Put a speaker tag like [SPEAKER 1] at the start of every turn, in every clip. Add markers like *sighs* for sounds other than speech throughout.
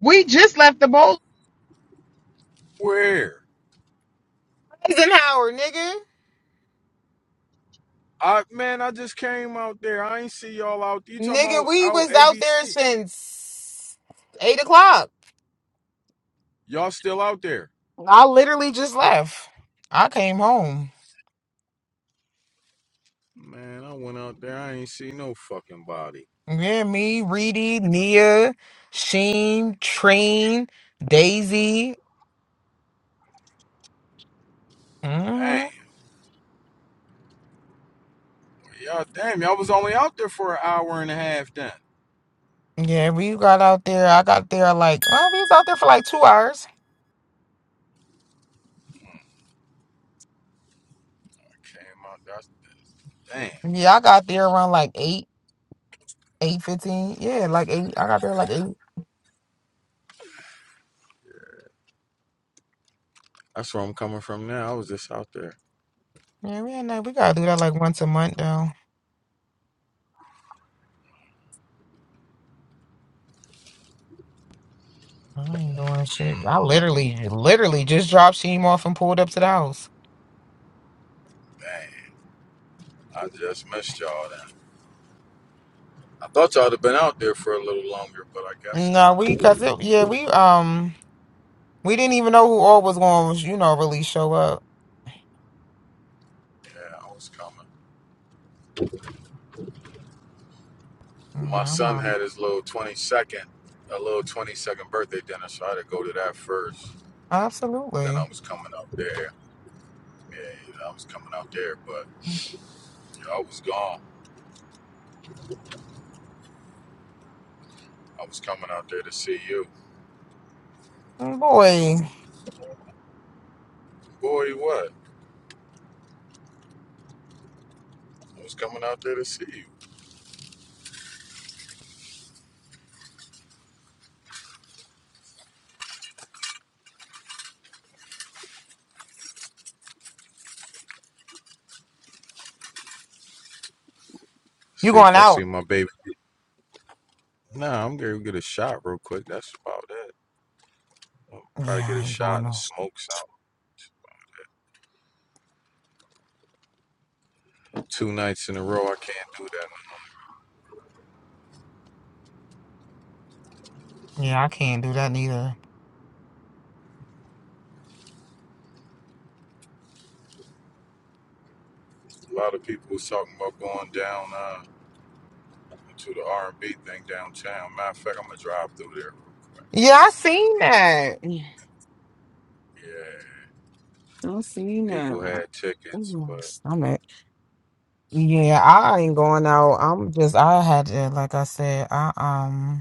[SPEAKER 1] We just left the bowl.
[SPEAKER 2] Where?
[SPEAKER 1] Eisenhower, nigga.
[SPEAKER 2] I man, I just came out there. I ain't see y'all out. You talking
[SPEAKER 1] Nigga,
[SPEAKER 2] about
[SPEAKER 1] we
[SPEAKER 2] out
[SPEAKER 1] was out there
[SPEAKER 2] ABC?
[SPEAKER 1] since eight o'clock.
[SPEAKER 2] Y'all still out there?
[SPEAKER 1] I literally just left. I came home.
[SPEAKER 2] Man, I went out there. I ain't see no fucking body.
[SPEAKER 1] Yeah, me, Reedy, Nia, Sheen, Train, Daisy.
[SPEAKER 2] Damn,
[SPEAKER 1] hmm
[SPEAKER 2] y'all. Damn, y'all was only out there for an hour and a half. Then
[SPEAKER 1] Yeah, we got out there. I got there like well, we was out there for like two hours.
[SPEAKER 2] I came out. That's damn.
[SPEAKER 1] Yeah, I got there around like eight, eight fifteen. Yeah, like eight. I got there like eight.
[SPEAKER 2] That's where I'm coming from now. I was just out there.
[SPEAKER 1] Yeah, we ain't that. We gotta do that like once a month though. I ain't doing shit. I literally, literally just dropped Sheem off and pulled up to the house.
[SPEAKER 2] Damn, I just missed y'all. Then I thought y'all'd have been out there for a little longer, but I guess
[SPEAKER 1] No,
[SPEAKER 2] not.
[SPEAKER 1] we, cause it, yeah, we, um, we didn't even know who all was going, to you know, really show up.
[SPEAKER 2] Yeah, I was coming. My
[SPEAKER 1] Yeah, I'm
[SPEAKER 2] son
[SPEAKER 1] on.
[SPEAKER 2] had his little 22nd, a little 22nd birthday dinner, so I had to go to that first. Then
[SPEAKER 1] Absolutely.
[SPEAKER 2] I was coming out there. Yeah, I was coming out there, but you know, I was gone. I was coming out there to see you.
[SPEAKER 1] Mm, Boy,
[SPEAKER 2] Boy, what? I was coming out there to see you.
[SPEAKER 1] you
[SPEAKER 2] See
[SPEAKER 1] going
[SPEAKER 2] if I see
[SPEAKER 1] out?
[SPEAKER 2] my baby. Nah, I'm gonna get a shot real quick. That's about it. I'll probably
[SPEAKER 1] Yeah,
[SPEAKER 2] get
[SPEAKER 1] I
[SPEAKER 2] a
[SPEAKER 1] ain't
[SPEAKER 2] shot
[SPEAKER 1] going
[SPEAKER 2] and
[SPEAKER 1] out.
[SPEAKER 2] smoke something. Two nights in a row, I can't do that.
[SPEAKER 1] Yeah, I can't do that neither.
[SPEAKER 2] A lot of people was talking about going down. uh, to the R&B thing downtown. Matter of fact, I'm gonna drive through there. real quick.
[SPEAKER 1] Yeah, I seen that. Yeah,
[SPEAKER 2] Yeah,
[SPEAKER 1] I seen
[SPEAKER 2] people
[SPEAKER 1] that.
[SPEAKER 2] had tickets,
[SPEAKER 1] Ooh, my
[SPEAKER 2] but
[SPEAKER 1] stomach. Yeah, I ain't going out. I'm just, I had to, like I said, I, um,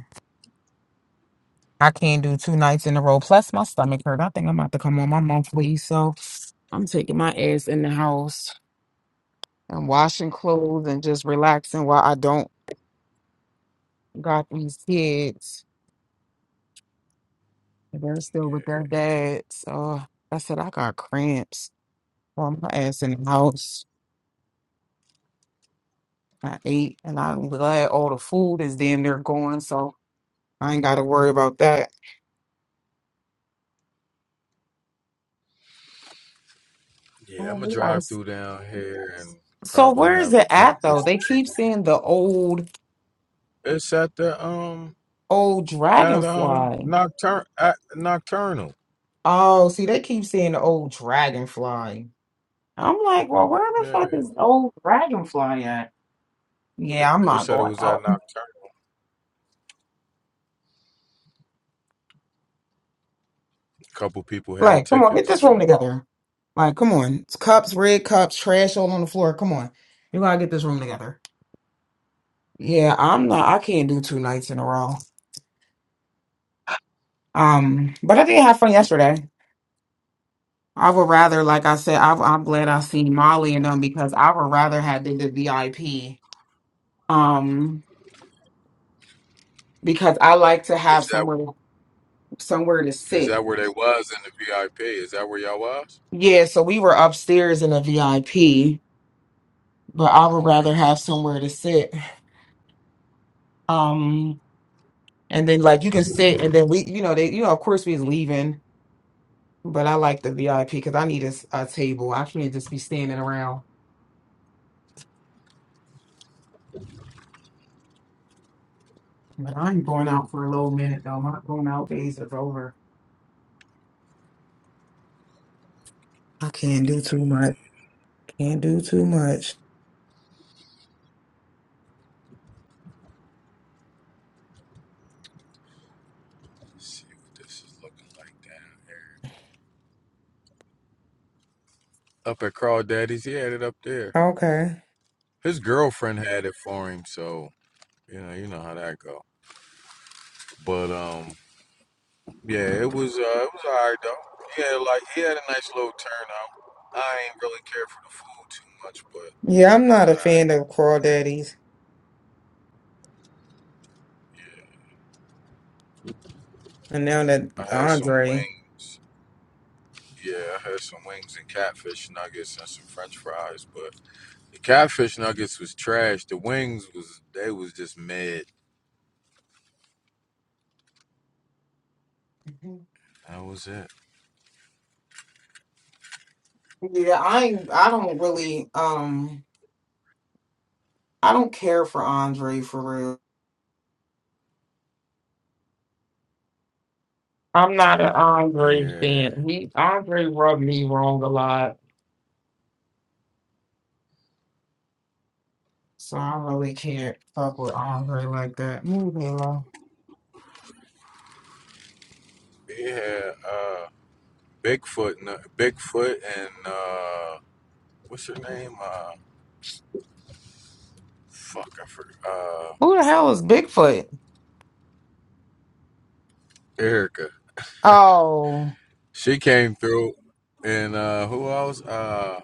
[SPEAKER 1] I can't do two nights in a row. Plus, my stomach hurt. I think I'm about to come on my monthly. So I'm taking my ass in the house and washing clothes and just relaxing while I don't got these kids. They're still with
[SPEAKER 2] yeah,
[SPEAKER 1] their dad. So I said, I got cramps. So I'm my ass in the house. I ate and I'm glad all the food is damn near gone. So I ain't got to worry about that.
[SPEAKER 2] yeah, I'm
[SPEAKER 1] Oh,
[SPEAKER 2] gonna
[SPEAKER 1] we gotta
[SPEAKER 2] drive
[SPEAKER 1] s-
[SPEAKER 2] through down here and
[SPEAKER 1] So
[SPEAKER 2] probably
[SPEAKER 1] where is
[SPEAKER 2] have a
[SPEAKER 1] it at
[SPEAKER 2] drink
[SPEAKER 1] though?
[SPEAKER 2] just
[SPEAKER 1] They keep
[SPEAKER 2] because. of-
[SPEAKER 1] saying the old,
[SPEAKER 2] It's at the um
[SPEAKER 1] old
[SPEAKER 2] at um
[SPEAKER 1] dragonfly.
[SPEAKER 2] nocturne at nocturnal.
[SPEAKER 1] Oh, see, they keep saying the old dragonfly. I'm like, well, where the
[SPEAKER 2] Yeah,
[SPEAKER 1] fuck is the old dragonfly at? Yeah, I'm
[SPEAKER 2] they
[SPEAKER 1] not
[SPEAKER 2] said it
[SPEAKER 1] going
[SPEAKER 2] was at
[SPEAKER 1] out.
[SPEAKER 2] nocturnal. A couple people had
[SPEAKER 1] Like, come on, get
[SPEAKER 2] tickets,
[SPEAKER 1] this room
[SPEAKER 2] so
[SPEAKER 1] together. Like, come on. It's cups, red cups, trash all on the floor. Come on. You gotta get this room together. Yeah, I'm not I can't do two nights in a row. Um, but I did have fun yesterday. I would rather, like I said, I, I'm glad I seen Molly and them because I would rather have the, the VIP. Um, because I like to have
[SPEAKER 2] is that
[SPEAKER 1] somewhere somewhere to
[SPEAKER 2] is
[SPEAKER 1] sit
[SPEAKER 2] that where they was in the VIP? Is that where y'all was?
[SPEAKER 1] Yeah, so we were upstairs in a VIP, but I would
[SPEAKER 2] Okay,
[SPEAKER 1] rather have somewhere to sit. Um, and then like you can sit, and then we, you know, they, you know, of course we was leaving, but I like the VIP because I need a, s- a table. I can't just be standing around. But I'm going out for a little minute though. My going out days is over. I can't do too much. Can't do too much.
[SPEAKER 2] let's see what this is looking like down here. Up at Crawdaddy's, he had it up there.
[SPEAKER 1] Okay.
[SPEAKER 2] His girlfriend had it for him, so you know, you know how that go. But um, yeah, it was uh, it was alright though. Yeah, like he had a nice little turnout. I ain't really care for the food too much, but
[SPEAKER 1] Yeah, I'm
[SPEAKER 2] it
[SPEAKER 1] not
[SPEAKER 2] was
[SPEAKER 1] a
[SPEAKER 2] alright.
[SPEAKER 1] fan of crawdaddies.
[SPEAKER 2] Yeah,
[SPEAKER 1] And now that
[SPEAKER 2] I had some
[SPEAKER 1] Andre.
[SPEAKER 2] wings. Yeah, I had some wings and catfish nuggets and some French fries, but the catfish nuggets was trash. The wings was they was just mad.
[SPEAKER 1] Mhm.
[SPEAKER 2] That was it.
[SPEAKER 1] Yeah, I ain't- I don't really. Um. I don't care for Andre for real. I'm not an Andre
[SPEAKER 2] Yeah,
[SPEAKER 1] fan. He Andre rubbed me wrong a lot. So I really can't fuck with Andre like that. Move me along.
[SPEAKER 2] yeah. uh, Bigfoot, and- Bigfoot, and uh, what's her name? Uh, fuck, I forgot. Uh,
[SPEAKER 1] Who the hell is Bigfoot?
[SPEAKER 2] Erica.
[SPEAKER 1] Oh.
[SPEAKER 2] She came through, and uh, who else? Uh,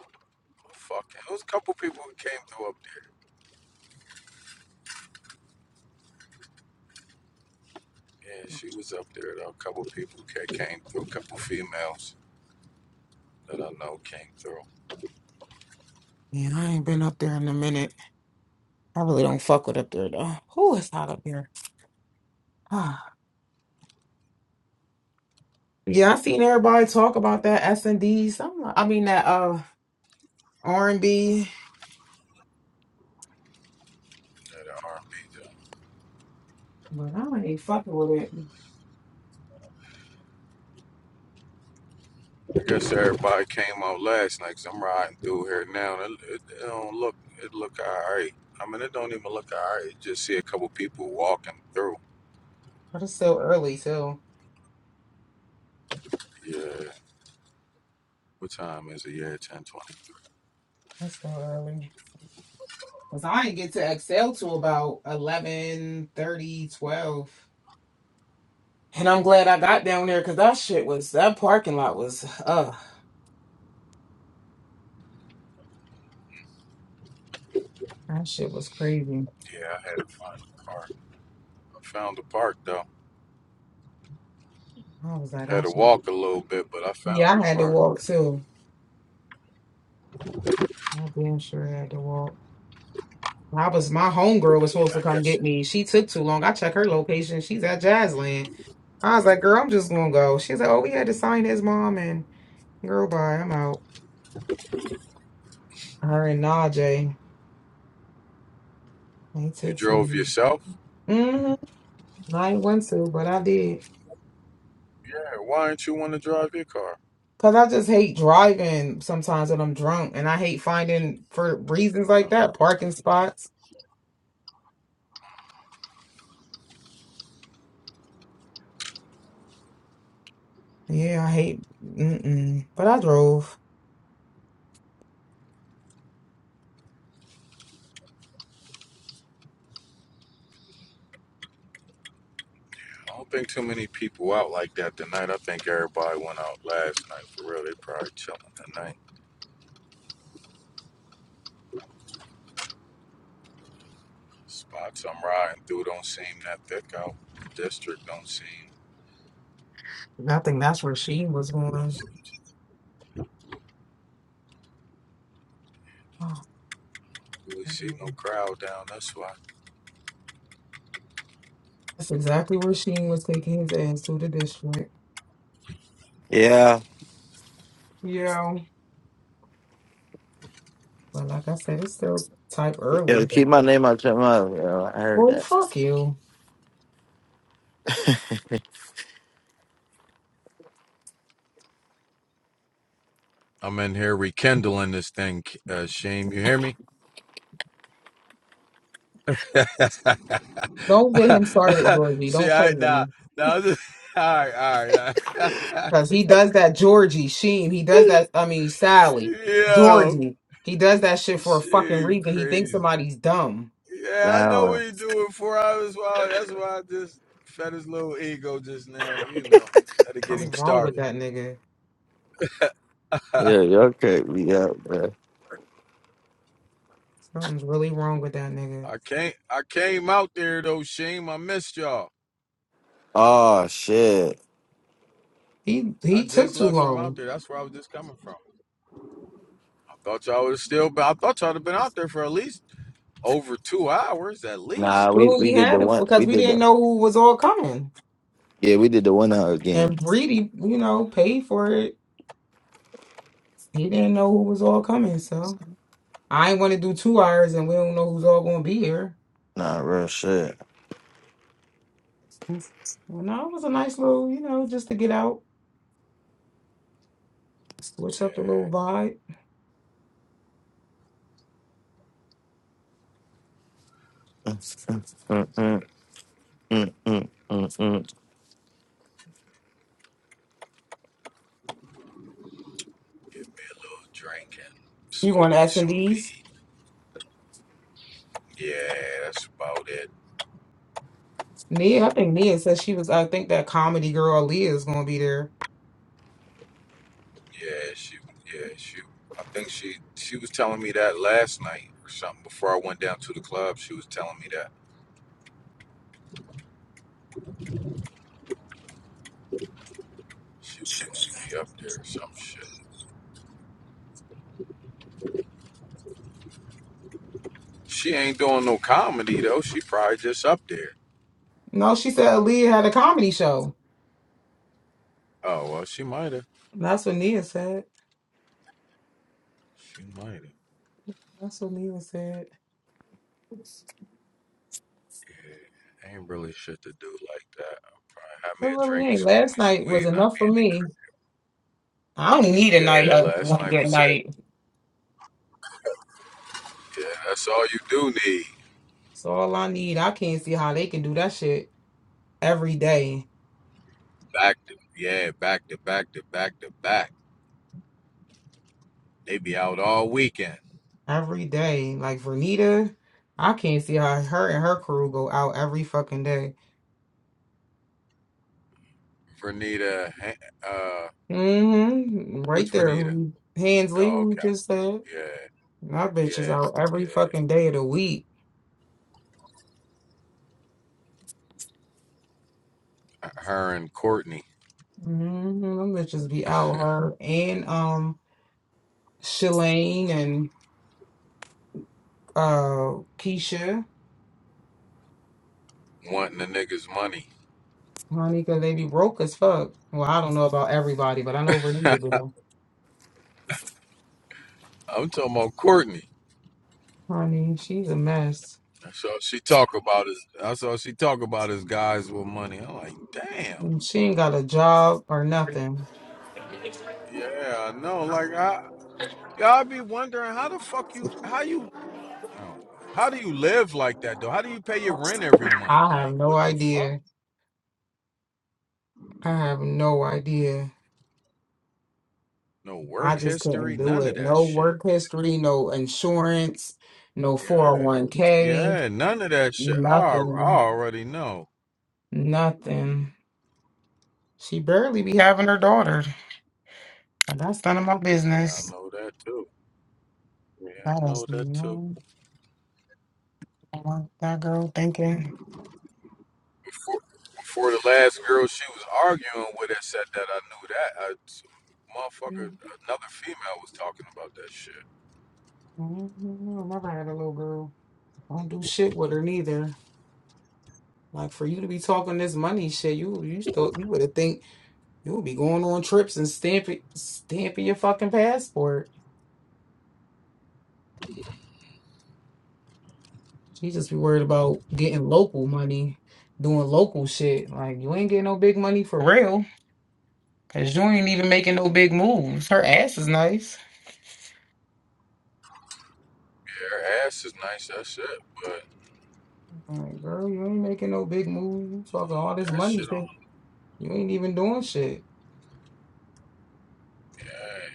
[SPEAKER 2] fuck, it was a couple people who came through up there. Yeah, she was up there. Though. A couple people ca- came through. A couple females that I know came through.
[SPEAKER 1] Man, I ain't been up there in a minute. I really don't fuck with up there though. Who is hot up here? *sighs* yeah, I seen everybody talk about that S and D. Some, I mean that uh R and B.
[SPEAKER 2] That are R&B. though.
[SPEAKER 1] But I ain't fucking with it.
[SPEAKER 2] I guess everybody came out last night. i I'm riding through here now. And it, it, it don't look. It look alright. I mean, it don't even look alright. Just see a couple people walking through.
[SPEAKER 1] But it's still early too.
[SPEAKER 2] Yeah. What time is it? Yeah, ten twenty.
[SPEAKER 1] It's still early. Cause I didn't get to Excel till about eleven thirty twelve, And I'm glad I got down there because that shit was that parking lot was uh that shit was crazy.
[SPEAKER 2] Yeah, I had to find a park. I found a park though.
[SPEAKER 1] I was like,
[SPEAKER 2] Had
[SPEAKER 1] I
[SPEAKER 2] to
[SPEAKER 1] should
[SPEAKER 2] walk a little bit, but I
[SPEAKER 1] yeah,
[SPEAKER 2] found
[SPEAKER 1] I
[SPEAKER 2] a
[SPEAKER 1] had to
[SPEAKER 2] park.
[SPEAKER 1] walk too. I damn sure had to walk. I was my homegirl was supposed
[SPEAKER 2] Yeah,
[SPEAKER 1] to
[SPEAKER 2] I
[SPEAKER 1] come
[SPEAKER 2] guess
[SPEAKER 1] get me. She took too long. I checked her location. She's at Jazzland. I was like, girl, I'm just gonna go. She's like, Oh, we had to sign his mom and girl bye, I'm out. Her and Najee. They
[SPEAKER 2] you
[SPEAKER 1] took too
[SPEAKER 2] drove
[SPEAKER 1] long.
[SPEAKER 2] yourself.
[SPEAKER 1] Mm-hmm. I ain't not want to, but I did.
[SPEAKER 2] Yeah. Why didn't you want to drive your car?
[SPEAKER 1] Cause I just hate driving sometimes when I'm drunk, and I hate finding for reasons like that parking spots. Yeah, I hate. Mm-mm. But I drove.
[SPEAKER 2] I don't think too many people out like that tonight. I think everybody went out last night for real. They probably chilling tonight. Spots I'm riding through don't seem that thick out. District don't seem
[SPEAKER 1] I think that's where Sheen was
[SPEAKER 2] don't
[SPEAKER 1] going.
[SPEAKER 2] seem to
[SPEAKER 1] Oh,
[SPEAKER 2] really see no crowd down this way.
[SPEAKER 1] that's exactly where Sheen was taking his ass to the district.
[SPEAKER 3] Yeah.
[SPEAKER 1] Yeah, but like I said, it's still type early.
[SPEAKER 3] Yo, keep my name out your mouth, yo. I heard
[SPEAKER 1] Well,
[SPEAKER 3] that.
[SPEAKER 1] fuck you.
[SPEAKER 2] I'm in here rekindling this thing, uh, Shame. You hear me? *laughs*
[SPEAKER 1] Don't get him started, Georgie. Don't
[SPEAKER 2] See,
[SPEAKER 1] play
[SPEAKER 2] I
[SPEAKER 1] with me.
[SPEAKER 2] nah, nah, this, *laughs* all right, all right.
[SPEAKER 1] Because he does that Georgie Sheen. He does that, I mean, Sally.
[SPEAKER 2] *laughs* Yo,
[SPEAKER 1] Georgie. He does that shit for a fucking
[SPEAKER 2] Shame,
[SPEAKER 1] reason. He thinks
[SPEAKER 2] crazy.
[SPEAKER 1] somebody's dumb.
[SPEAKER 2] Yeah, I know
[SPEAKER 3] Now,
[SPEAKER 2] what he doing for hours. Why? That's why I just fed his little ego just now. You know, that'll get him
[SPEAKER 1] Something's wrong with
[SPEAKER 2] started.
[SPEAKER 1] that nigga.
[SPEAKER 2] *laughs*
[SPEAKER 3] yeah,
[SPEAKER 2] I
[SPEAKER 3] y'all crack me up, bro.
[SPEAKER 1] Something's really wrong with that nigga.
[SPEAKER 2] can't. I came out there though, Shame. I missed y'all.
[SPEAKER 3] Oh shit.
[SPEAKER 1] He
[SPEAKER 2] I
[SPEAKER 1] he took
[SPEAKER 2] just
[SPEAKER 1] too
[SPEAKER 2] left from out
[SPEAKER 1] long.
[SPEAKER 2] there. That's where I was just coming from. I thought y'all would have still been. I thought y'all would have been out there for at least over two hours at
[SPEAKER 3] Nah,
[SPEAKER 2] least.
[SPEAKER 1] We
[SPEAKER 3] we we
[SPEAKER 1] only
[SPEAKER 3] did the
[SPEAKER 1] had it
[SPEAKER 3] one. We
[SPEAKER 1] because we
[SPEAKER 3] did
[SPEAKER 1] didn't
[SPEAKER 3] the
[SPEAKER 1] know who was all coming.
[SPEAKER 3] yeah. We did the one hug game.
[SPEAKER 1] And Breedy, you know, paid for it. He didn't know who was all coming, so I ain't want to do two hours and we don't know who's all gonna be here.
[SPEAKER 3] Nah, real shit.
[SPEAKER 1] Well, no, it was a nice little, you know, just to get out, switch up the
[SPEAKER 2] Yeah,
[SPEAKER 1] little vibe.
[SPEAKER 3] Mm-mm, mm-mm, mm-mm.
[SPEAKER 2] give me a little drink and
[SPEAKER 1] You going
[SPEAKER 2] smoke
[SPEAKER 1] to
[SPEAKER 2] me
[SPEAKER 1] S and
[SPEAKER 2] some
[SPEAKER 1] D's?
[SPEAKER 2] weed. Yeah, that's about it.
[SPEAKER 1] Nia, I think Nia said she was. I think that comedy girl Leah is going to be there.
[SPEAKER 2] Yeah, she, yeah, she. I think she she was telling me that last night or something before I went down to the club. She was telling me that she was gonna be up there or some shit. She ain't doing no comedy though. She probably just up there.
[SPEAKER 1] No, she said Leah had a comedy show.
[SPEAKER 2] Oh well, she might have.
[SPEAKER 1] That's what Nia said.
[SPEAKER 2] She might have.
[SPEAKER 1] That's what Nia said.
[SPEAKER 2] Yeah, ain't really shit to do like that. I'll probably have
[SPEAKER 1] It
[SPEAKER 2] me a
[SPEAKER 1] really
[SPEAKER 2] drink,
[SPEAKER 1] ain't.
[SPEAKER 2] smoke
[SPEAKER 1] Last
[SPEAKER 2] me
[SPEAKER 1] night
[SPEAKER 2] some weed,
[SPEAKER 1] was
[SPEAKER 2] and I'll be
[SPEAKER 1] enough for
[SPEAKER 2] in the crib.
[SPEAKER 1] me. I don't need a
[SPEAKER 2] Yeah,
[SPEAKER 1] night uh,
[SPEAKER 2] last
[SPEAKER 1] like
[SPEAKER 2] night
[SPEAKER 1] that
[SPEAKER 2] was it.
[SPEAKER 1] night.
[SPEAKER 2] Yeah, that's all you do need.
[SPEAKER 1] So all I need, I can't see how they can do that shit every day,
[SPEAKER 2] Back to yeah, back to back to back to back. They be out all weekend.
[SPEAKER 1] every day. Like Vernita, I can't see how her and her crew go out every fucking day.
[SPEAKER 2] Vernita, uh,
[SPEAKER 1] Mm-hmm. Right
[SPEAKER 2] what's
[SPEAKER 1] there.
[SPEAKER 2] Vernita?
[SPEAKER 1] Hands Lee
[SPEAKER 2] Oh,
[SPEAKER 1] who
[SPEAKER 2] okay.
[SPEAKER 1] just said.
[SPEAKER 2] Yeah,
[SPEAKER 1] My bitch is
[SPEAKER 2] yeah,
[SPEAKER 1] out every
[SPEAKER 2] yeah.
[SPEAKER 1] fucking day of the week.
[SPEAKER 2] Her and Courtney
[SPEAKER 1] Mm-hmm. Them bitches be
[SPEAKER 2] *laughs*
[SPEAKER 1] out her and um Shalane and uh Keisha.
[SPEAKER 2] wanting the niggas money.
[SPEAKER 1] honey, 'cause they be broke as fuck. Well, I don't know about everybody, but I know
[SPEAKER 2] *laughs*
[SPEAKER 1] Renita do.
[SPEAKER 2] I'm talking about Courtney.
[SPEAKER 1] Honey, she's a mess.
[SPEAKER 2] That's all she talk about is that's all she talk about is guys with money. I'm like, damn.
[SPEAKER 1] And She ain't got a job or nothing.
[SPEAKER 2] Yeah, I know. Like I, yeah, I be wondering how the fuck you how you I don't know. How do you live like that though? How do you pay your rent every month?
[SPEAKER 1] I have
[SPEAKER 2] Like,
[SPEAKER 1] no
[SPEAKER 2] what the fuck?
[SPEAKER 1] idea. I have no idea.
[SPEAKER 2] No
[SPEAKER 1] I
[SPEAKER 2] work
[SPEAKER 1] just
[SPEAKER 2] history,
[SPEAKER 1] couldn't do
[SPEAKER 2] none of
[SPEAKER 1] it.
[SPEAKER 2] that
[SPEAKER 1] No
[SPEAKER 2] shit.
[SPEAKER 1] work history, no insurance, no
[SPEAKER 2] Yeah.
[SPEAKER 1] 401k,
[SPEAKER 2] Yeah, none of that shit. I, I
[SPEAKER 1] nothing,
[SPEAKER 2] already know.
[SPEAKER 1] nothing. She barely be having her daughter. And That's none of my
[SPEAKER 2] Yeah, I
[SPEAKER 1] business.
[SPEAKER 2] know that too. Yeah,
[SPEAKER 1] That
[SPEAKER 2] I
[SPEAKER 1] is
[SPEAKER 2] know that too.
[SPEAKER 1] no I want that girl thinking.
[SPEAKER 2] Before, before the last girl she was arguing with had said that I knew that. I,
[SPEAKER 1] Mm,
[SPEAKER 2] motherfucker, another female was talking about that shit.
[SPEAKER 1] I never had a little girl. I don't do shit with her neither. Like for you to be talking this money shit, you you thought you would have think you would be going on trips and stamping stamping your fucking passport. She just be worried about getting local money, doing local shit. Like you ain't getting no big money for real, cause you ain't even making no big moves. Her ass is nice.
[SPEAKER 2] Yeah, her ass is nice, that's it. But
[SPEAKER 1] Like girl, you ain't making no big moves. You Talking all this
[SPEAKER 2] that
[SPEAKER 1] money
[SPEAKER 2] shit
[SPEAKER 1] shit,
[SPEAKER 2] on,
[SPEAKER 1] you ain't even doing shit.
[SPEAKER 2] yeah.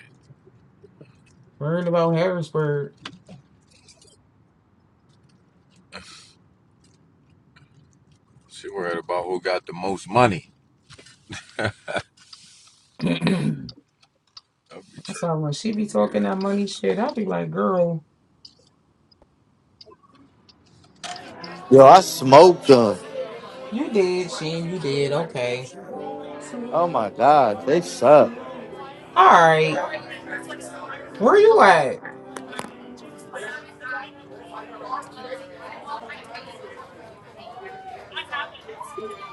[SPEAKER 1] Worried about Harrisburg.
[SPEAKER 2] She worried about who got the most money.
[SPEAKER 1] *clears throat* That's
[SPEAKER 2] That'd be
[SPEAKER 1] how when she be
[SPEAKER 2] Yeah.
[SPEAKER 1] talking that money shit, I be like, girl,
[SPEAKER 3] Yo, I smoked them.
[SPEAKER 1] you did, Sheen, you did, okay,
[SPEAKER 3] Oh my god, they suck.
[SPEAKER 1] all right. Where you at?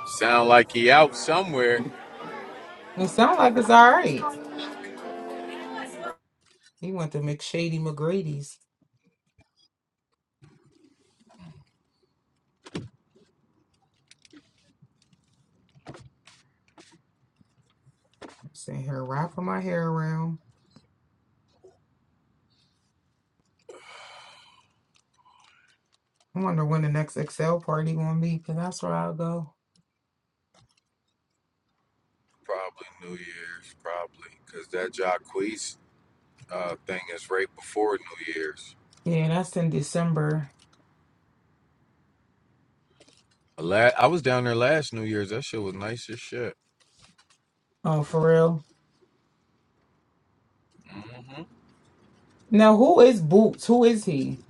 [SPEAKER 2] Sound like he out somewhere.
[SPEAKER 1] It sound like it's all right. He went to McShady McGrady's. Sitting here wrapping my hair around. I wonder when the next Excel party gonna be, cause that's where I'll go.
[SPEAKER 2] Probably New Year's, probably, because that Jacquees uh, thing is right before New Year's.
[SPEAKER 1] Yeah, that's in December.
[SPEAKER 2] La- I was down there last New Year's. That shit was nice as shit.
[SPEAKER 1] Oh, for real.
[SPEAKER 2] hmm
[SPEAKER 1] Now, who is Boots? Who is he?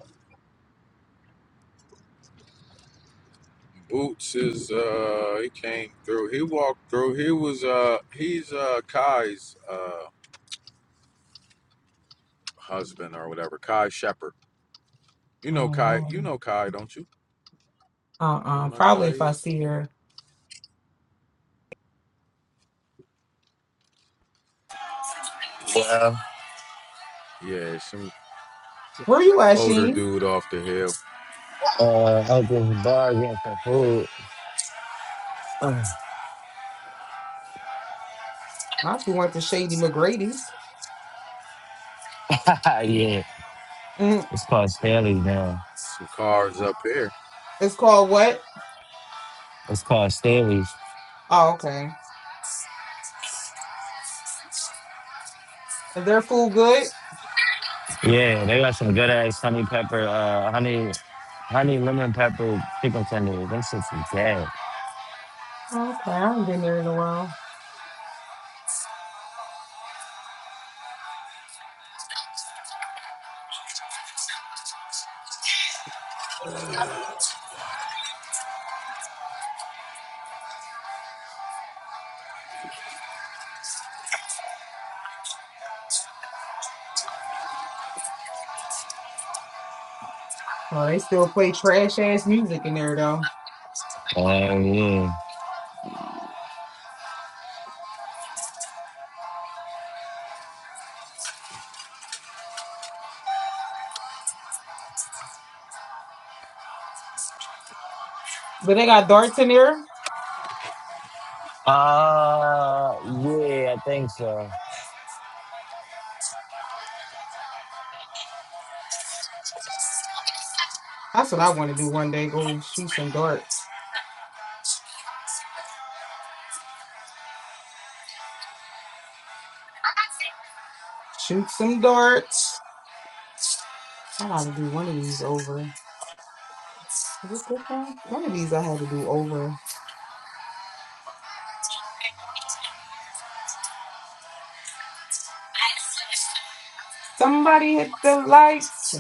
[SPEAKER 2] Boots is uh, he came through. He walked through. He was uh, he's uh, Kai's uh, husband or whatever. Kai Shepherd. You
[SPEAKER 1] I
[SPEAKER 2] know
[SPEAKER 1] don't
[SPEAKER 2] Kai.
[SPEAKER 1] know.
[SPEAKER 2] You know Kai, don't you?
[SPEAKER 1] Uh,
[SPEAKER 2] You
[SPEAKER 1] uh
[SPEAKER 2] don't know
[SPEAKER 1] probably
[SPEAKER 2] Kai
[SPEAKER 1] if I
[SPEAKER 2] yet?
[SPEAKER 1] see her.
[SPEAKER 3] Well,
[SPEAKER 2] Yeah, some
[SPEAKER 1] Where you at,
[SPEAKER 2] older
[SPEAKER 1] Sheen?
[SPEAKER 2] dude off the hill.
[SPEAKER 3] uh, open the bar again for food. *laughs*
[SPEAKER 1] I actually went to Shady McGrady's.
[SPEAKER 3] yeah,
[SPEAKER 1] Mm,
[SPEAKER 3] it's called Stanley's now.
[SPEAKER 2] Some cars up here.
[SPEAKER 1] it's called what?
[SPEAKER 3] It's called Stanley's.
[SPEAKER 1] Oh, okay. Is their food good?
[SPEAKER 3] Yeah, they got some good ass honey pepper, uh, honey. honey lemon pepper chicken tenders. That shit's dead.
[SPEAKER 1] Okay, I haven't been there in a while. Oh, they still play trash ass music in there though.
[SPEAKER 3] Oh yeah.
[SPEAKER 1] But they got darts in there.
[SPEAKER 3] Uh yeah, I think so.
[SPEAKER 1] That's what I want to do one day. Go shoot some darts. Shoot some darts. I gotta do one of these over. Was it this one? One of these I had to do over. Somebody hit the lights.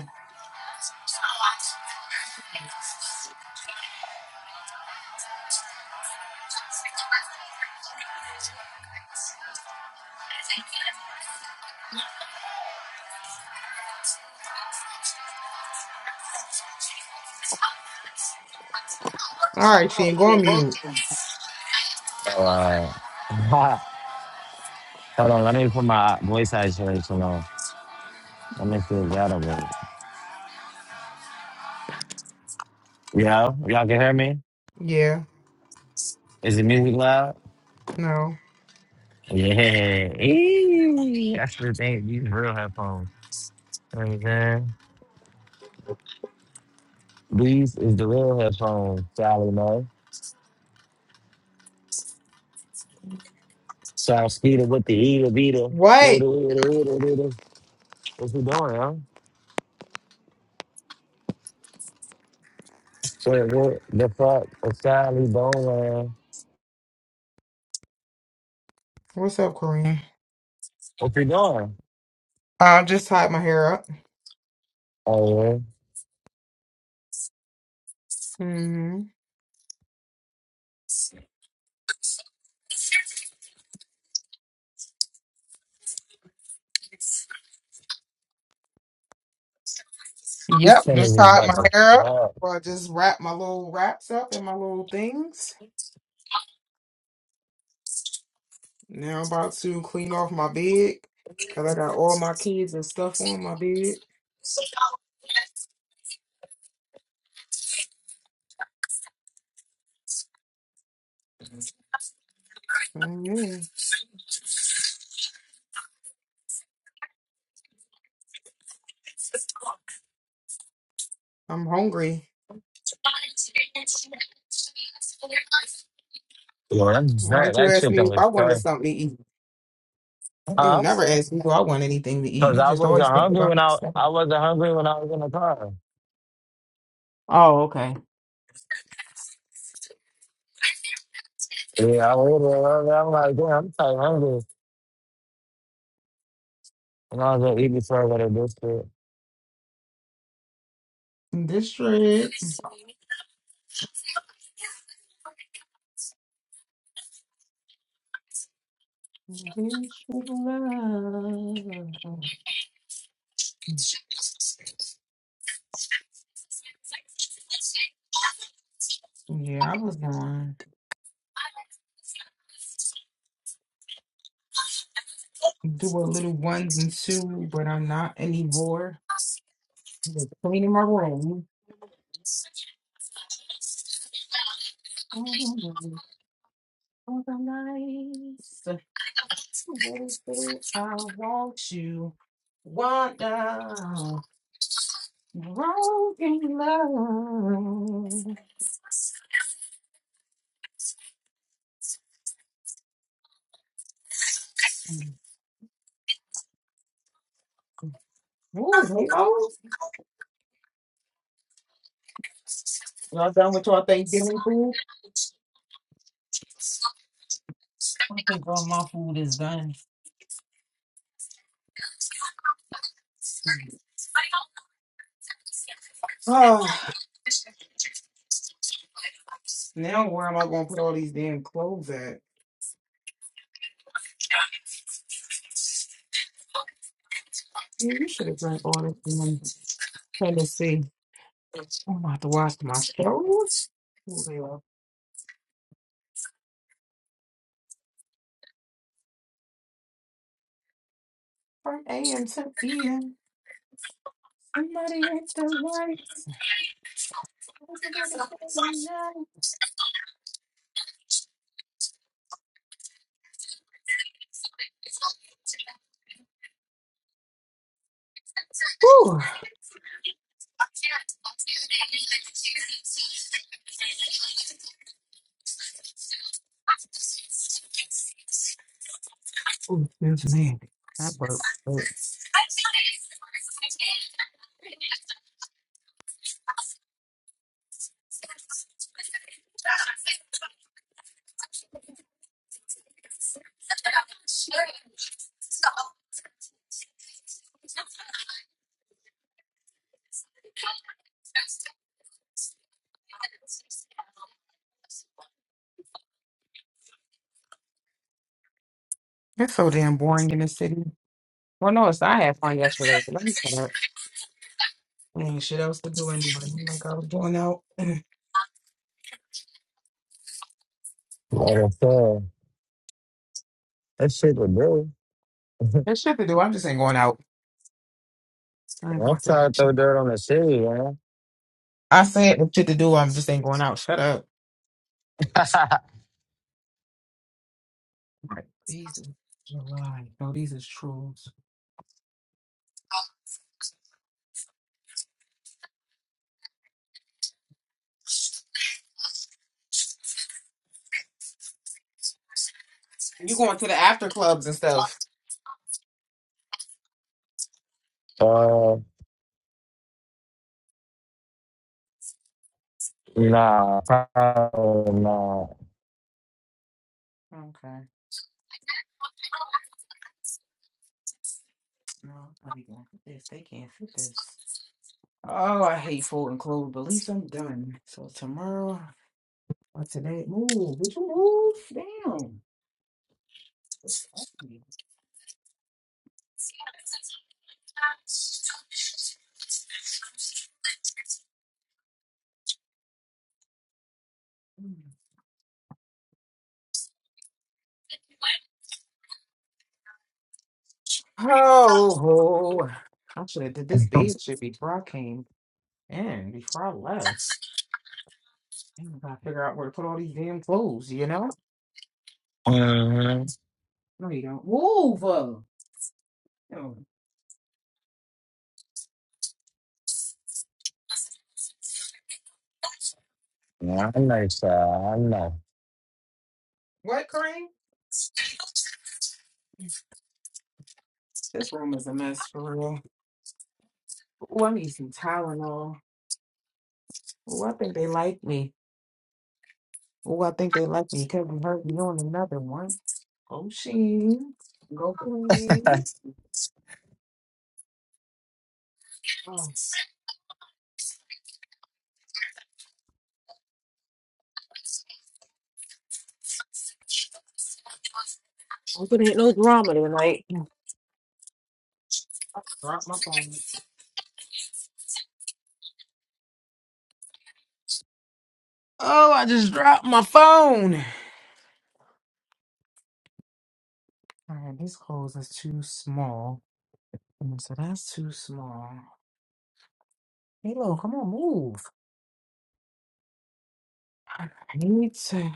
[SPEAKER 1] All right,
[SPEAKER 2] Oh,
[SPEAKER 1] team, go
[SPEAKER 2] she
[SPEAKER 1] on mute.
[SPEAKER 2] working.
[SPEAKER 3] Alright. *laughs* Hold on, let me put my voice isolation on. Let me feel better with it. Yo, y'all can hear me?
[SPEAKER 1] Yeah,
[SPEAKER 3] Is the music loud?
[SPEAKER 1] no.
[SPEAKER 3] Yeah. Eee, That's the thing. These real headphones. You know what I'm saying? These is the real headphones, Sally Mo. South Skeeter with the eater beater.
[SPEAKER 1] What?
[SPEAKER 3] Little, little, little, little. What's we doing, huh? Wait, what the fuck? What's that? Lee Bowman.
[SPEAKER 1] What's up, Corinne?
[SPEAKER 3] What you doing?
[SPEAKER 1] I just tied my hair up.
[SPEAKER 3] Oh,
[SPEAKER 1] Mm-hmm. Yep, just tied my hair up.
[SPEAKER 3] wow.
[SPEAKER 1] Well, I just wrapped my little wraps up and my little things. Now I'm about to clean off my bed because I got all my kids and stuff on my bed. mm yeah. I'm hungry.
[SPEAKER 3] Yo, that's
[SPEAKER 1] Why
[SPEAKER 3] that,
[SPEAKER 1] don't you
[SPEAKER 3] that
[SPEAKER 1] ask me
[SPEAKER 3] chicken
[SPEAKER 1] if I
[SPEAKER 3] was
[SPEAKER 1] wanted
[SPEAKER 3] trash.
[SPEAKER 1] something to eat? You don't
[SPEAKER 3] Huh?
[SPEAKER 1] never ask me do I want anything to eat.
[SPEAKER 3] Because
[SPEAKER 1] You
[SPEAKER 3] I
[SPEAKER 1] just
[SPEAKER 3] wasn't
[SPEAKER 1] always think
[SPEAKER 3] hungry
[SPEAKER 1] about
[SPEAKER 3] when I
[SPEAKER 1] yourself.
[SPEAKER 3] I wasn't hungry when I was in the car.
[SPEAKER 1] Oh, okay.
[SPEAKER 3] Yeah, I ordered it. and I'm like, damn, I'm so hungry. And I was gonna eat before I go to biscuit.
[SPEAKER 1] This shit. This shit love. Yeah, I was going to do a little one and two, but I'm not anymore. I'm just cleaning my room. Organized. Everything I want you. Wanda. Broken love. Ooh, hello. Y'all done with y'all Thanksgiving food? I think all my food is done. *sighs* Oh, now where am I going to put all these damn clothes at? Yeah, you should have brought all this from Tennessee. I'm about to watch my show. Ooh, they are from AM to PM. Somebody hit the lights. Ooh, ooh, excuse me. That worked. but It's so damn boring in the city. Well, no, it's I had fun yesterday, but let me stop. Ain't shit else to do anyway. I'm Like I was going out. *clears throat*
[SPEAKER 3] Like I said, that shit was good. *laughs*
[SPEAKER 1] There's shit to do. I'm just ain't going out. I ain't gonna
[SPEAKER 3] I'm
[SPEAKER 1] say
[SPEAKER 3] trying to
[SPEAKER 1] that shit.
[SPEAKER 3] throw dirt on the city, man.
[SPEAKER 1] I said there's shit to do. I'm just ain't going out. Shut up.
[SPEAKER 3] *laughs*
[SPEAKER 1] Like, these is July. No, these is trolls. You going to the after clubs and stuff?
[SPEAKER 3] uh, nah, probably not.
[SPEAKER 1] Okay. No, I'm not even gonna fit this. They can't fit this. Oh, I hate folding clothes, but at least I'm done. So tomorrow or today, move. Would you move down? It's ugly. Mm. Oh, ho. I should have did this bed shit before I came in, before I left. Damn, I gotta figure out where to put all these damn clothes, you know? No, you don't. Move. uh, mm.
[SPEAKER 3] Nah, I'm not sure. I'm not.
[SPEAKER 1] What, Kareem? This room is a mess for real. Oh, I need some Tylenol. Oh, I think they like me. Oh, I think they like me because I'm hurting on another one. Go Sheen. Go Queen. Oh, hope it ain't no drama tonight. Drop my phone. Oh, I just dropped my phone. Alright, these clothes is too small. Mm, So that's too small. Hey, Lo, come on, move. I need to.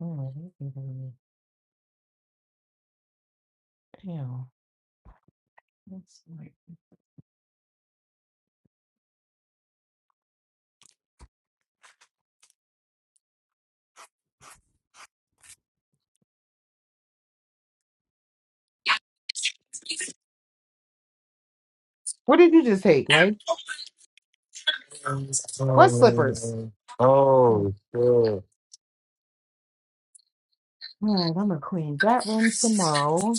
[SPEAKER 1] Oh, this is really- Damn. That's like... What did you just take? Like, what slippers? Oh,
[SPEAKER 3] Oh, shit.
[SPEAKER 1] Alright, I'm gonna clean that one tomorrow.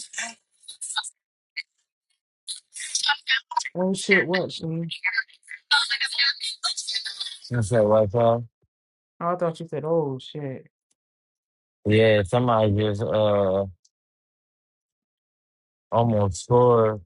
[SPEAKER 1] Oh shit, what? She... Oh,
[SPEAKER 3] Since that Wi-Fi?
[SPEAKER 1] I thought you said, oh shit.
[SPEAKER 3] Yeah, somebody just uh almost scored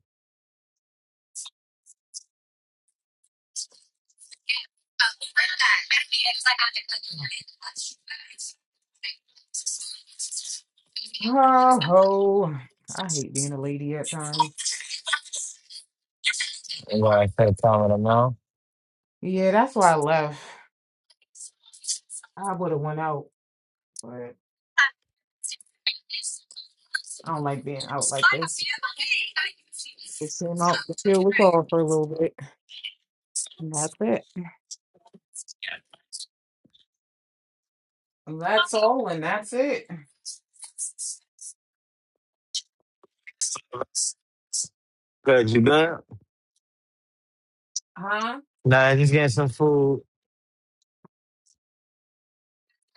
[SPEAKER 1] Oh, I hate being a lady at times.
[SPEAKER 3] and I kept calling them out.
[SPEAKER 1] Yeah, that's why I left. I would have went out, but I don't like being out like this. We'll out the field with all for a little bit. And that's it. That's all, and that's it.
[SPEAKER 3] Good, you good?
[SPEAKER 1] Huh?
[SPEAKER 3] Nah, just getting some food.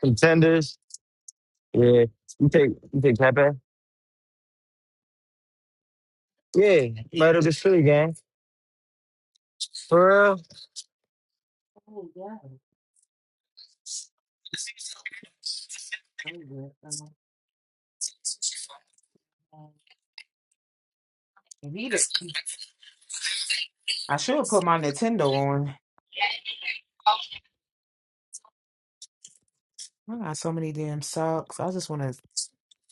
[SPEAKER 3] Contenders. Yeah. You take you take Pepe? Yeah, right up the street, gang. For real?
[SPEAKER 1] Oh, yeah. So good. Um, I need it. I should have put my Nintendo on. I got so many damn socks. I just want to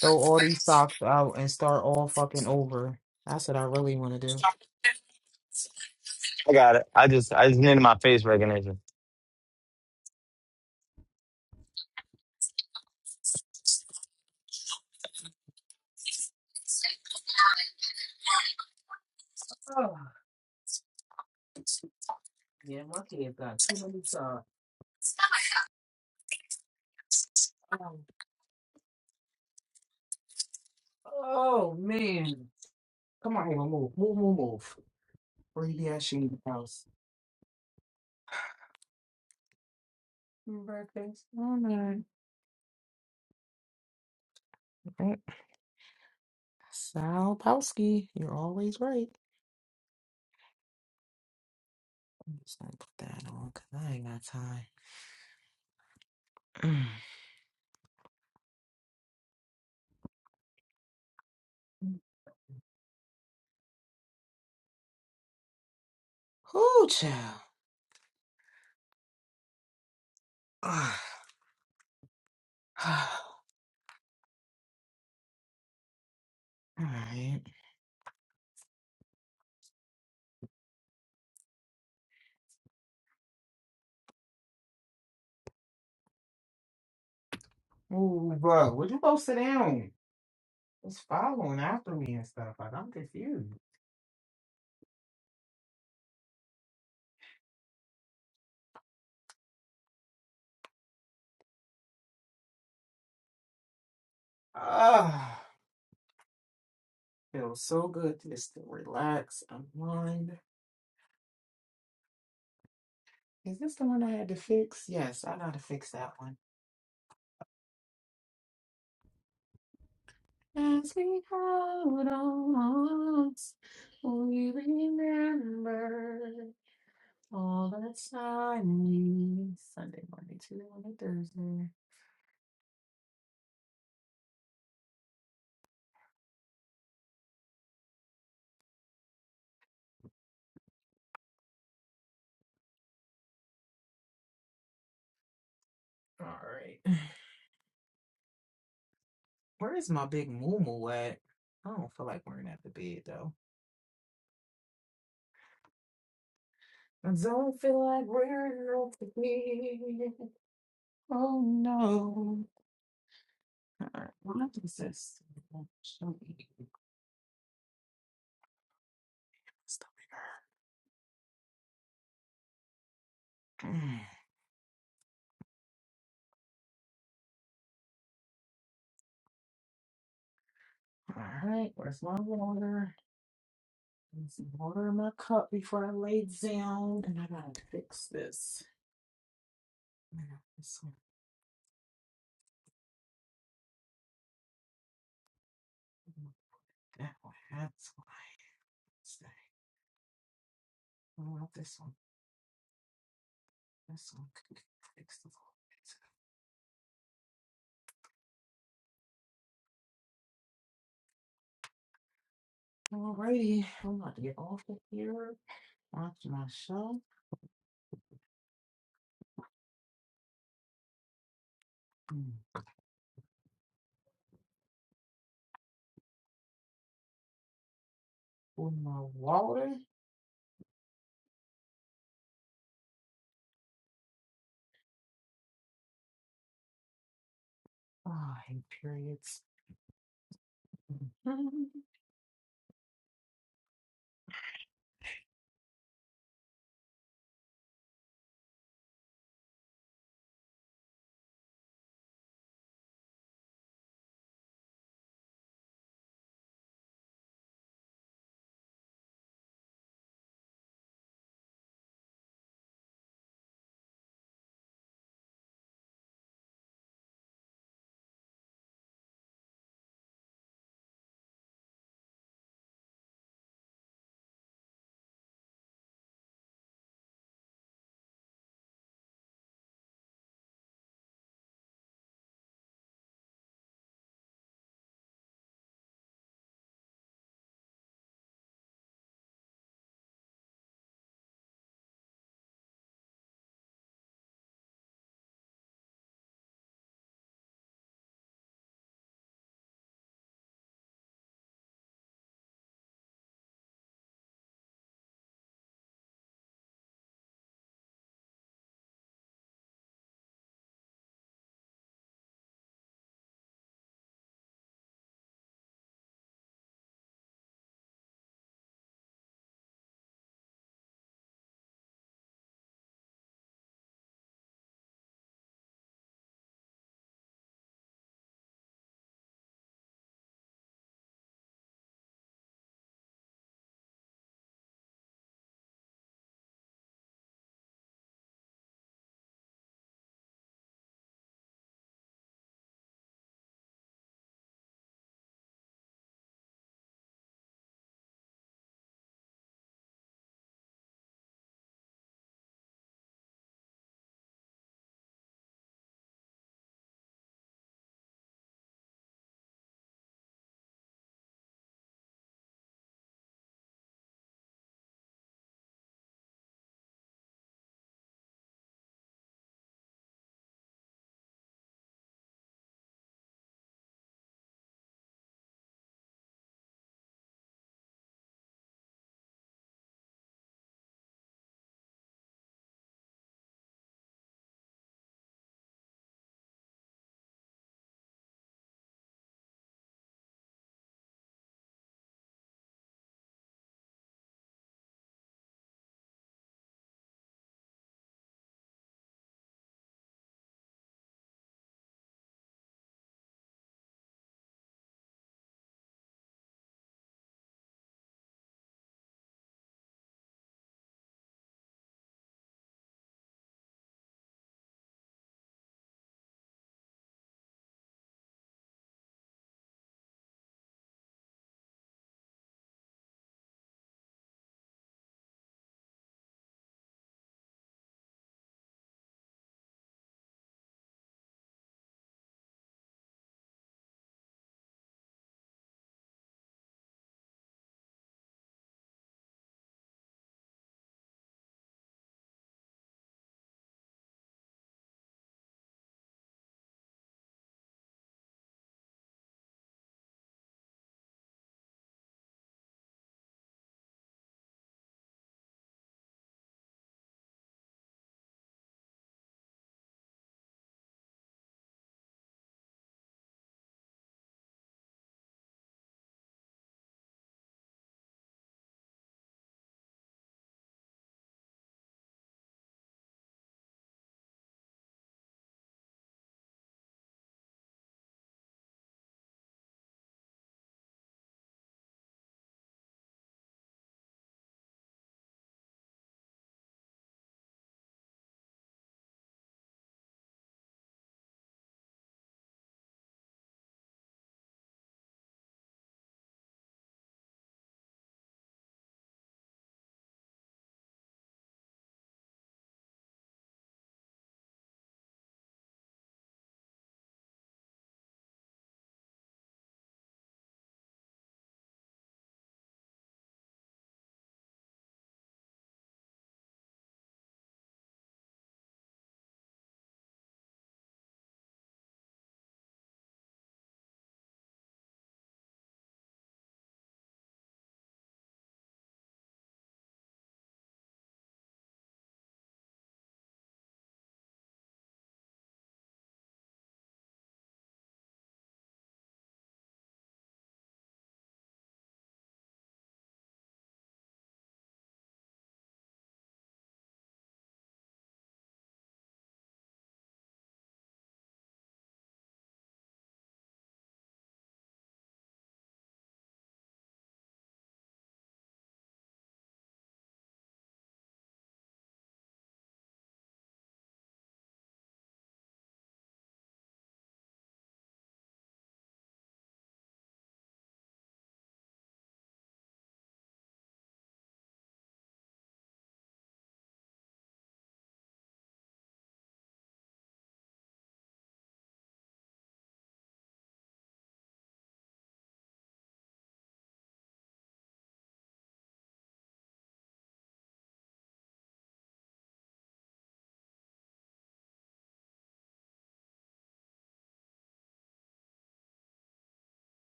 [SPEAKER 1] throw all these socks out and start all fucking over. That's what I really want to do.
[SPEAKER 3] I got it. I just I just needed my face recognition.
[SPEAKER 1] Oh, yeah, my kid got too many stars. Oh, oh man. Come on, Ava, move, move, move, move. Brady ass in the house. Happy Birthday. Oh, man. Okay. Sal Palsky, you're always right. I'm just gonna put that on because I ain't got time. *clears throat* Ooh, child. Ah. *sighs* All right. Ooh, bro, would you go sit down? It's following after me and stuff. Like, I'm confused. Ah. Feels so good just to relax, unwind. Is this the one I had to fix? Yes, I gotta fix that one. As we hold on, we remember all the time. Sunday, Monday, Tuesday, Monday, Thursday. All right. Where is my big moo at? I don't feel like wearing at the bed though. I don't feel like wearing off the bed. Oh no. Alright, what is this? Show me. Stop it. *clears throat* Alright, where's my water? Need some water in my cup before I lay down. And I gotta fix this. No, This one. That one. That's what I say. What about this one? This one could fix the whole thing. Alrighty, I'm about to get off of here. Watch my show. mm, Pour my water. Ah, I hate periods. *laughs*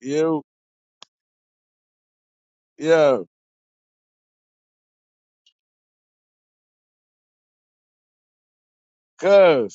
[SPEAKER 4] Yo, yo, cuz.